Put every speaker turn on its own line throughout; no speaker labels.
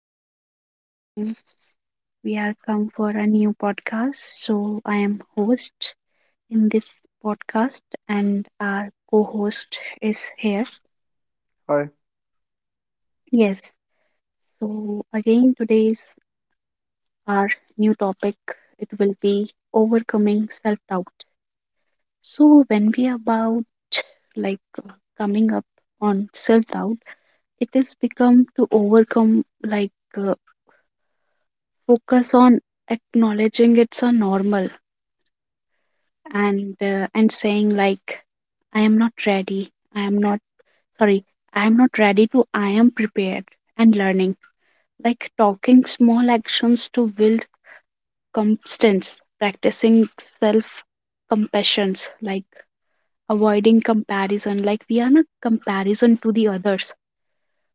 guys. Again, we are come for a new podcast. So, I am host in this podcast, and our co-host is here.
Hi.
Yes. So, again, today's our new topic, it will be overcoming self-doubt. So, when we are about like coming up on self-doubt, it is become to overcome like uh, focus on acknowledging it's a normal and saying like I am not ready, sorry I am not ready to, I am prepared and learning, like talking small actions to build constance, practicing self compassions, like avoiding comparison, like we are not comparison to the others,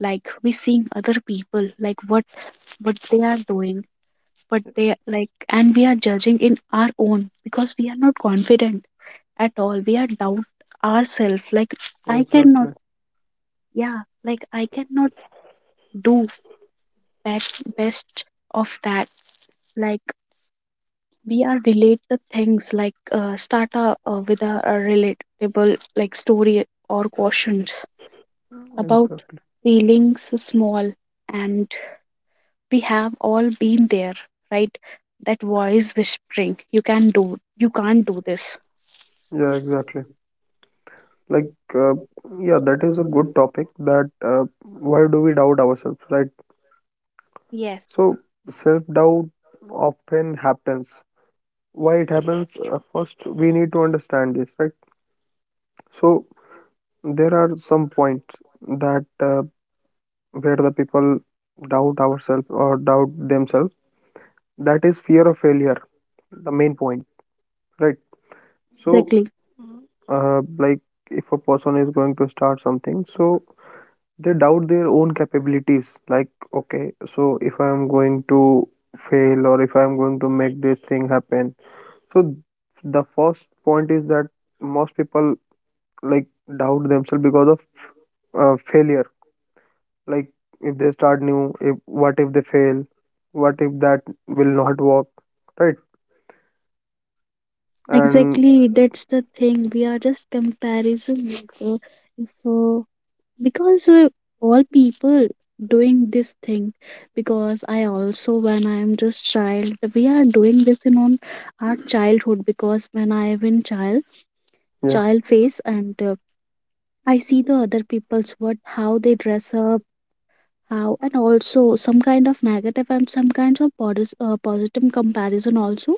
like we seeing other people, like what they are doing, but they like, and we are judging in our own because we are not confident at all, we are doubt ourselves like I cannot.
Exactly.
Yeah, like I cannot do best of that. Like we are relate the things, like start a, with a relatable like story or questions about
Exactly.
feelings small, and we have all been there, right? That voice whispering you can do, you can't do this.
Yeah, exactly. Like, uh, yeah, that is a good topic. That Why do we doubt ourselves, right?
Yes,
So, self doubt often happens. Why it happens? First, we need to understand this, right? So, there are some points that where the people doubt ourselves or doubt themselves. That is fear of failure, the main point, right? So,
exactly.
uh, like, if a person is going to start something, so they doubt their own capabilities like, okay, so if I am going to fail or if I am going to make this thing happen, so the first point is that most people like doubt themselves because of failure, like if they start new, if what if they fail, what if that will not work, right? And
Exactly, that's the thing. We are just comparison like, if, because all people doing this thing, because I also when I am just child, we are doing this in on our childhood, because when I am in child,
yeah,
child phase, and I see the other people's what how they dress up, how, and also some kind of negative and some kinds of positive comparison also.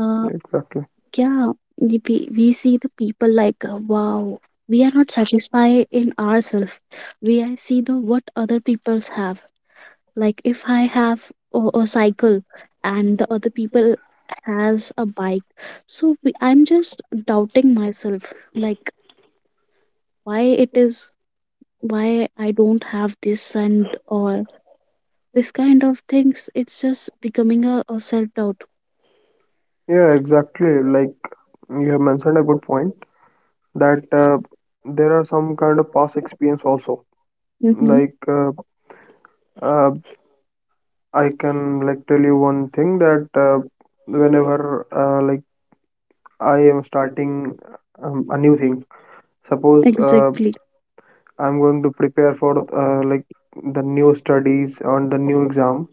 uh,
exactly.
Yeah, we see the people like, wow, we are not satisfied in ourselves. We I see the what other peoples have. Like if I have a cycle and the other people has a bike, so I'm just doubting myself. Like why it is, why I don't have this, and or this kind of things. It's just becoming a self doubt.
Yeah, exactly. Like, you have mentioned a good point that there are some kind of past experience also.
Mm-hmm.
Like uh, uh, I can like tell you one thing that whenever like I am starting a new thing, suppose
Exactly.
I'm going to prepare for like the new studies on the new exam.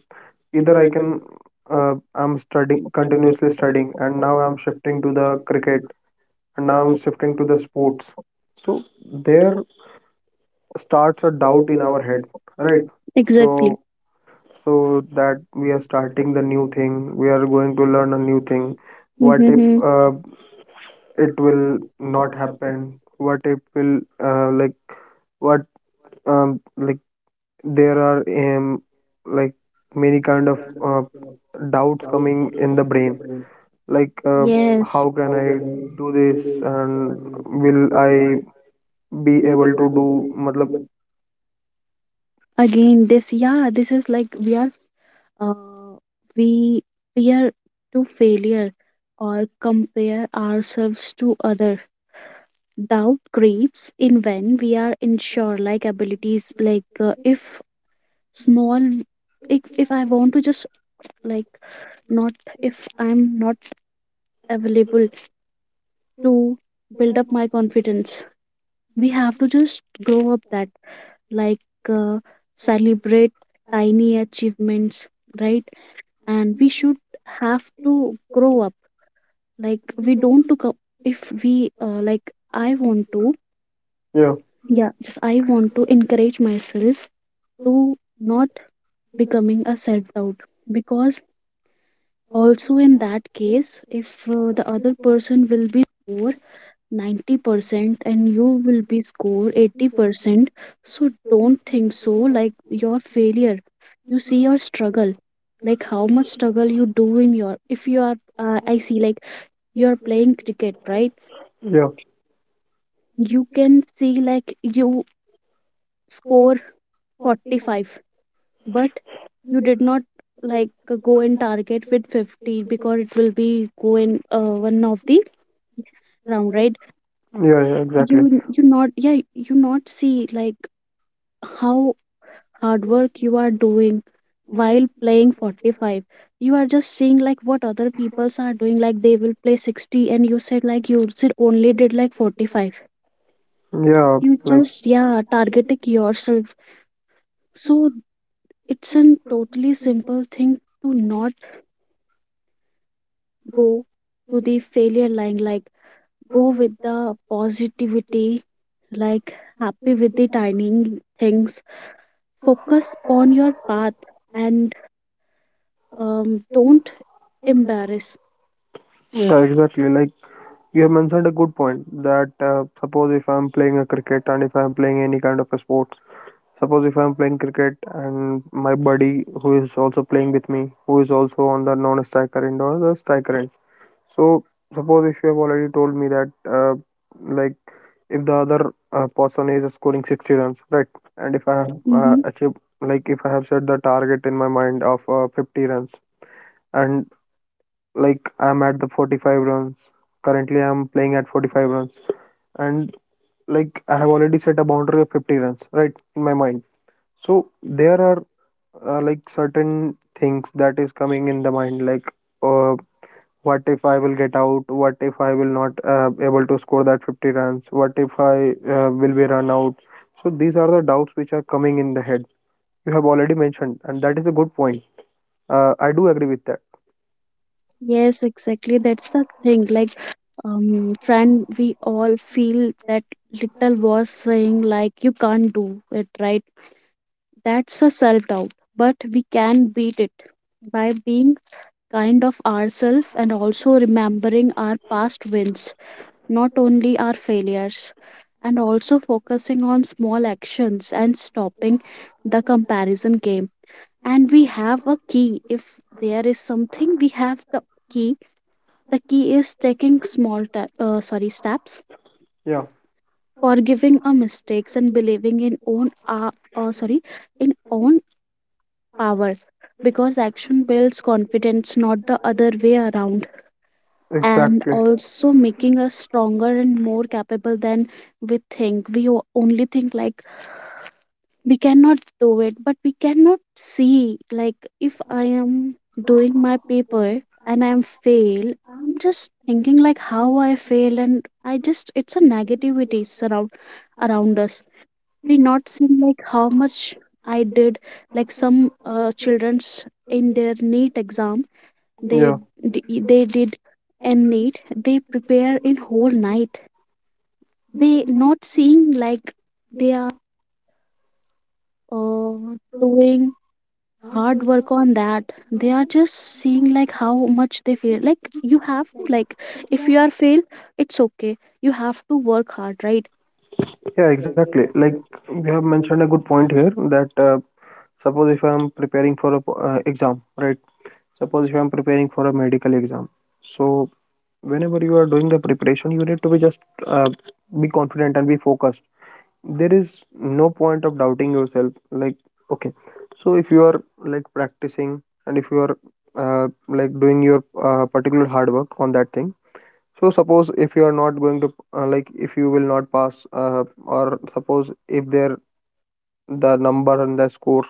Either I can I'm studying continuously studying, and now I'm shifting to the cricket, and now I'm shifting to the sports. So there starts a doubt in our head, right?
Exactly.
So, so that we are starting the new thing, we are going to learn a new thing, what if uh,
Mm-hmm.
it will not happen, what if will like what like there are like many kind of uh, doubts coming in the brain, like uh,
Yes.
how can I do this, and will I be able to do matlab?
Again, this, yeah, this is like uh, we fear to failure or compare ourselves to other. Doubt creeps in when we are unsure, like abilities, like if small, if I want to just like not, if I'm not available to build up my confidence, we have to just grow up that, like uh, celebrate tiny achievements, right? And we should have to grow up, like we don't to if we like I want to,
Yeah,
yeah, just I want to encourage myself to not becoming a self doubt, because also in that case if the other person will be score 90% and you will be score 80%, so don't think so like your failure, you see your struggle, like how much struggle you do in your, if you are I see like you're playing cricket, right?
yeah,
You can see like you score 45, but you did not like go and target with 50, because it will be go in one of the round, right?
yeah, yeah, exactly.
You not, yeah, you not see like how hard work you are doing while playing 45, you are just seeing like what other peoples are doing, like they will play 60, and you said like you said only did like 45,
yeah
you
like
just, yeah, targeting yourself. So it's a totally simple thing to not go to the failure line, like go with the positivity, like happy with the tiny things. Focus on your path and don't embarrass.
yeah, exactly. Like, you have mentioned a good point that suppose if I'm playing a cricket and if I'm playing any kind of a sports, suppose if I'm playing cricket and my buddy who is also playing with me, who is also on the non-striker end or the striker end. So suppose if you have already told me that like if the other person is scoring 60 runs, right? And if I have
Hmm.
achieved, like if I have set the target in my mind of 50 runs, and like I'm at the 45 runs, currently I'm playing at 45 runs, and like I have already set a boundary of 50 runs, right, in my mind. So there are like certain things that is coming in the mind, uh, what if I will get out? What if I will not able to score that 50 runs? What if I will be run out? So these are the doubts which are coming in the head. You have already mentioned, and that is a good point. I do agree with that.
Yes, exactly. That's the thing. Like, friend, we all feel that little was saying, like, you can't do it, right? That's a self doubt, but we can beat it by being kind of ourselves and also remembering our past wins, not only our failures, and also focusing on small actions and stopping the comparison game. And we have a key. If there is something, we have the key. The key is taking small ta- sorry steps,
Yeah,
forgiving our mistakes, and believing in own sorry in own power, because action builds confidence, not the other way around, and
exactly.
also making us stronger and more capable than we think. We only think like we cannot do it, but we cannot see. Like, if I am doing my paper and I am fail, I'm just thinking like how I fail, and I just it's a negativity surround around us, we not seen like how much I did, like some children's in their neat exam, they
Yeah,
they did, and neat they prepare in whole night, they not seeing like they are doing hard work on that, they are just seeing like how much they feel, like you have to like if you are fail, it's okay, you have to work hard, right?
yeah, exactly. Like, you have mentioned a good point here that suppose if I'm preparing for a p exam, right? Suppose if I'm preparing for a medical exam. So whenever you are doing the preparation, you need to be just uh, be confident and be focused. There is no point of doubting yourself. Like, okay, so if you are like practicing and if you are like doing your particular hard work on that thing. So suppose if you are not going to like if you will not pass or suppose if there the number and the score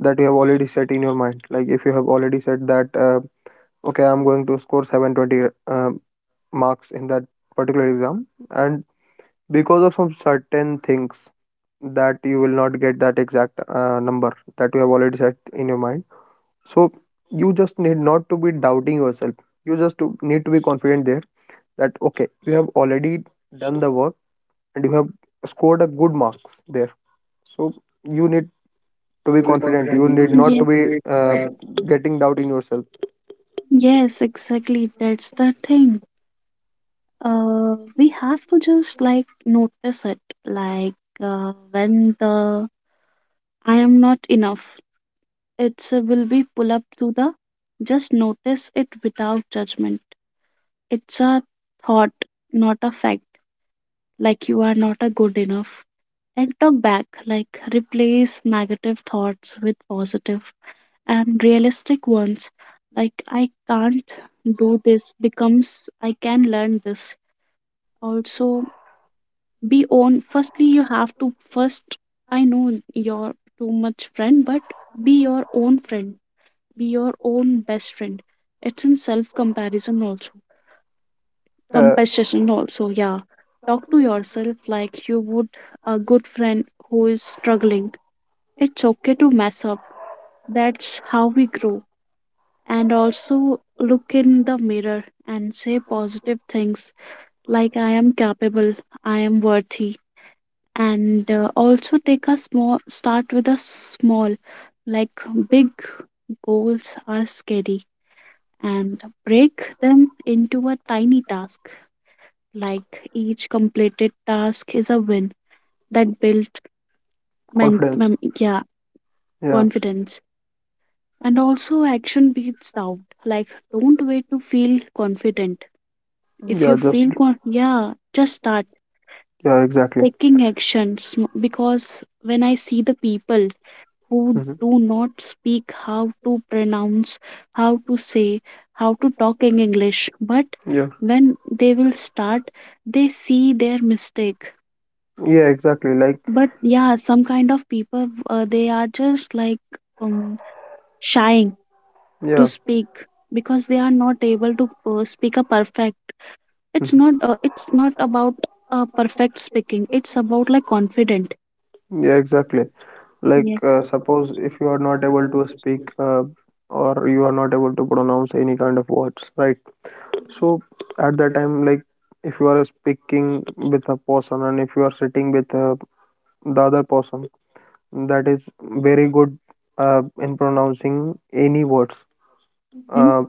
that you have already set in your mind, like if you have already said that okay, I'm going to score 720 marks in that particular exam, and because of some certain things that you will not get that exact number that you have already set in your mind, so you just need not to be doubting yourself, need to be confident there, that okay, you have already done the work and you have scored a good marks there, so you need to be
Fully
confident,
confident,
you
you will
need
be,
not
yes,
to be
motivated.
uh, getting doubt in yourself.
Yes, exactly, that's the thing. We have to just like notice it, like when the I am not enough, it's will be pull up to the, just notice it without judgment, it's a thought not a fact, like you are not a good enough, and talk back, like replace negative thoughts with positive and realistic ones, like I can't do this becomes I can learn this. Also, be on, firstly you have to first, I know you're too much friend, but be your own friend, be your own best friend. It's in self comparison also,
Uh,
compassion also, yeah. Talk to yourself like you would a good friend who is struggling, it's okay to mess up, that's how we grow. And also look in the mirror and say positive things, like I am capable, I am worthy. And also take a small start with a small, like big goals are scary, and break them into a tiny task, like each completed task is a win, that built
confidence.
yeah,
Yeah,
confidence. And also action beats doubt, like don't wait to feel confident, if
yeah,
you
just
feel yeah, just start
yeah, exactly.
taking action because when I see the people who
Hmm.
do not speak how to pronounce, how to say, how to talk in English. But
Yeah,
when they will start, they see their mistake.
yeah, exactly. Like,
But yeah, some kind of people, they are just like um, shying to
yeah,
speak because they are not able to speak a perfect. It's
mhm.
not. It's not about perfect speaking. It's about like confident.
Yeah, exactly.
Yes.
Suppose if you are not able to speak or you are not able to pronounce any kind of words, right? So at that time, like if you are speaking with a person and if you are sitting with the other person that is very good in pronouncing any words.
Mm-hmm.
Uh,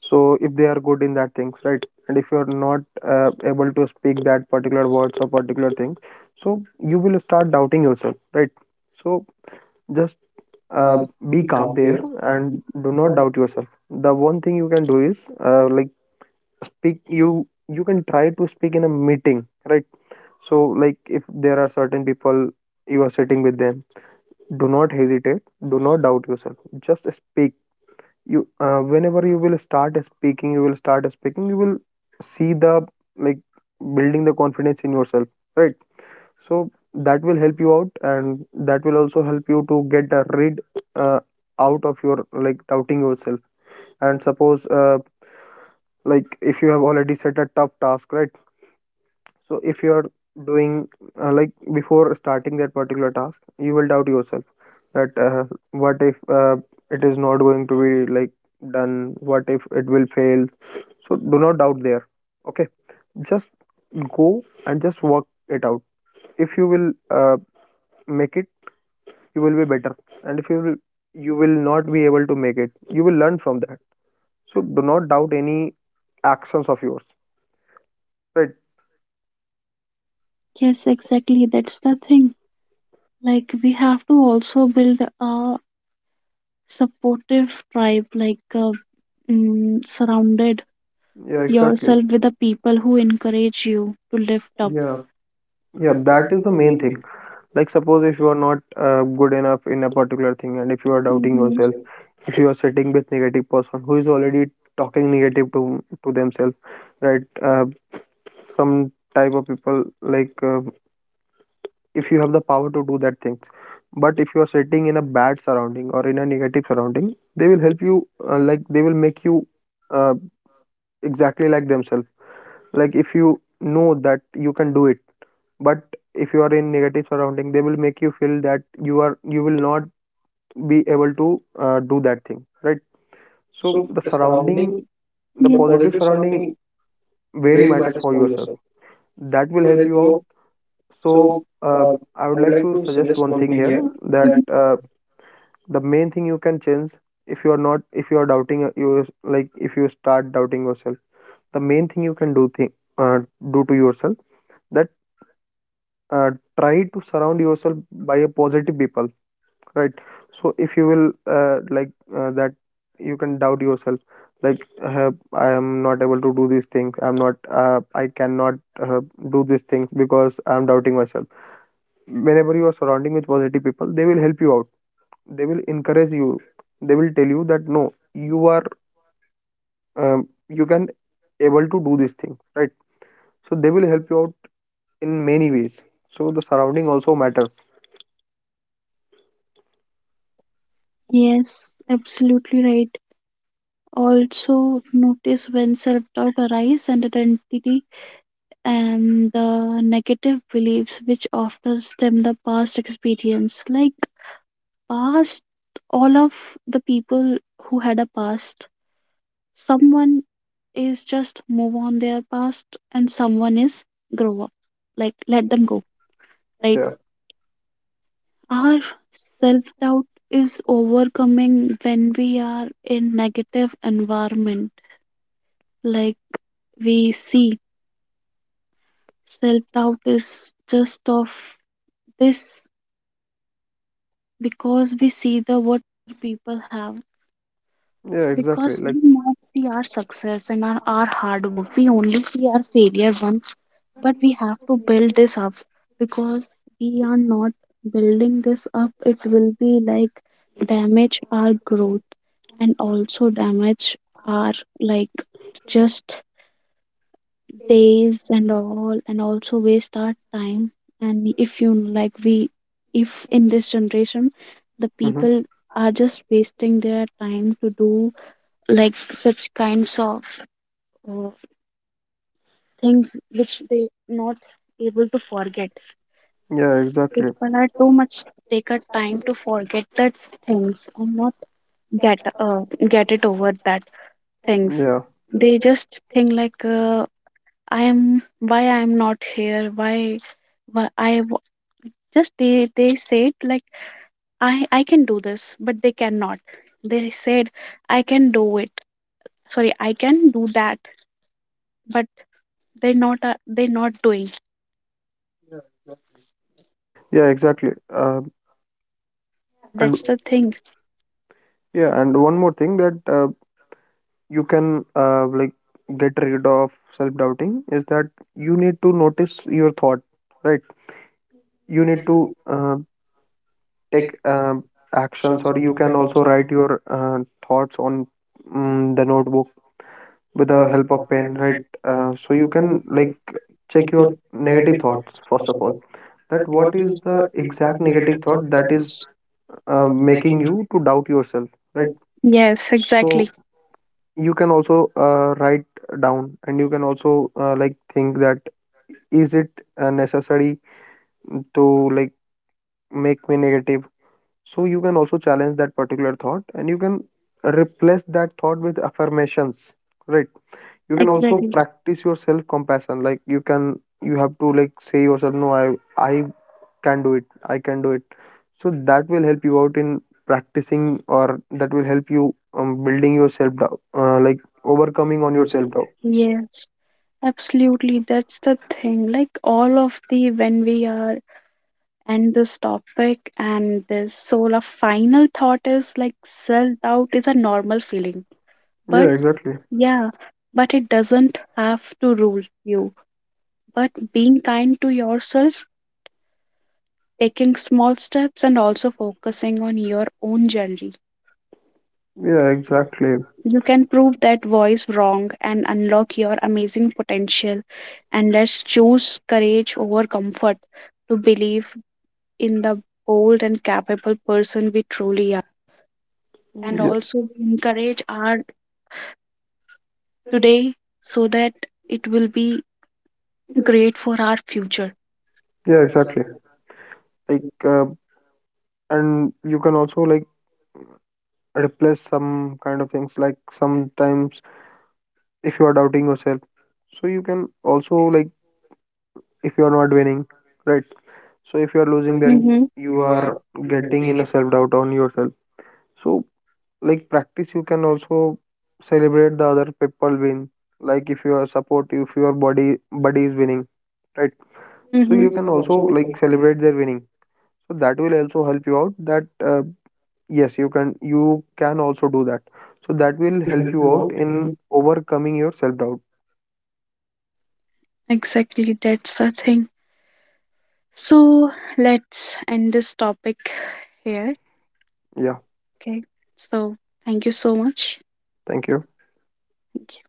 so if they are good in that things, right? And if you are not able to speak that particular words or particular thing, so you will start doubting yourself, right? So just uh, be calm there and do not doubt yourself. The one thing you can do is uh, like speak. You can try to speak in a meeting, right? So like if there are certain people, you are sitting with them, do not hesitate, do not doubt yourself, just speak. You Whenever you will start speaking, you will see the like building the confidence in yourself, right? So that will help you out, and that will also help you to get a rid uh, out of your like doubting yourself. And suppose Like if you have already set a tough task, right? So if you are doing like before starting that particular task, you will doubt yourself that what if it is not going to be like done? What if it will fail? So do not doubt there. Okay, just go and just work it out. If you will make it, you will be better. And if you will, you will not be able to make it, you will learn from that. So do not doubt any actions of yours. Right?
Yes, exactly. That's the thing. Like we have to also build our supportive tribe, like surrounded
Yeah, exactly.
yourself with the people who encourage you to lift up.
Yeah, yeah. That is the main thing. Like, suppose if you are not good enough in a particular thing, and if you are doubting
Hmm.
yourself, if you are sitting with negative person who is already talking negative to themselves, right? Some type of people if you have the power to do that things, but if you are sitting in a bad surrounding or in a negative surrounding, they will help you. Like they will make you uh, exactly like themselves. Like if you know that you can do it, but if you are in negative surrounding, they will make you feel that you will not be able to do that thing, right? So the surrounding, the
Yes.
positive surrounding, very matters for yourself, that will help you out. So uh, I would like to suggest one thing here that
Mhm.
the main thing you can change, if you are not, if you are doubting you like if you start doubting yourself, the main thing you can do thing, uh, do to yourself, that uh, try to surround yourself by a positive people, right? So if you will like that you can doubt yourself, I am not able to do these things, I'm not I cannot uh, do these things because I'm doubting myself. Whenever you are surrounding with positive people, they will help you out, they will encourage you, they will tell you that no, you are you can able to do these things, right? So they will help you out in many ways. So the surrounding also matters.
Yes, absolutely right. Also notice when self-doubt arises, and identity and the negative beliefs which often stem the past experience, like past, all of the people who had a past, someone is just move on their past and someone is grow up, like let them go, right?
Yeah,
Our self doubt is overcoming when we are in negative environment, like we see self doubt is just of this because we see the what people have,
yeah, exactly.
because
Like,
we not see our success and our hard work, we only see our failure once, but we have to build this up, because we are not building this up, it will be like damage our growth, and also damage our like just days and all, and also waste our time. And if you like we, if in this generation the
hmm,
people are just wasting their time to do like such kinds of uh, things which they not able to forget,
yeah, exactly.
people are too much take a time to forget that things, and not get get it over that things.
Yeah,
They just think like I am, why I am not here, why, why i wa- just they said like I can do this but they cannot, they said I can do it, sorry, I can do that, but they're not, they're not doing.
yeah, exactly. Uh,
Yeah,
and
that's the thing.
yeah, and one more thing that you can get rid of self-doubting is that you need to notice your thought, right?
Hmm.
You need to take actions, or you can also write your thoughts on the notebook with the help of pen, right? So you can like check your negative thoughts first of all. That what is the exact negative thought that is making you to doubt yourself, right?
Yes,
So
exactly.
you can also write down, and you can also like think that is it necessary to like make me negative. So you can also challenge that particular thought, and you can replace that thought with affirmations, right? You can also
Exactly.
practice your self compassion, like you can, you have to like say yourself no, I can do it, I can do it. So that will help you out in practicing, or that will help you building your self doubt, like overcoming on your self doubt.
Yes, absolutely. That's the thing. Like all of the, when we are and this topic, and this soul of final thought is like, self-doubt is a normal feeling. But
Yeah, exactly.
yeah, but it doesn't have to rule you. But being kind to yourself, taking small steps and also focusing on your own journey,
Yeah, exactly.
you can prove that voice wrong and unlock your amazing potential. And let's choose courage over comfort to believe in the bold and capable person we truly are. And
Yeah,
also encourage our today so that it will be great for our future.
yeah, exactly. Like, uh, and you can also like replace some kind of things. Like sometimes, if you are doubting yourself, so you can also like, if you are not winning, right? So if you are losing, then
Mm-hmm.
you are getting in a self doubt on yourself. So like practice, you can also celebrate the other people win, like if you are supportive, if your body buddy is winning, right? So
Mm-hmm.
you can also like celebrate their winning, so that will also help you out that yes, you can, you can also do that, so that will help you out in overcoming your self doubt.
Exactly, that's the thing. So let's end this topic here.
Yeah,
Okay. So thank you so much.
thank you.
Thank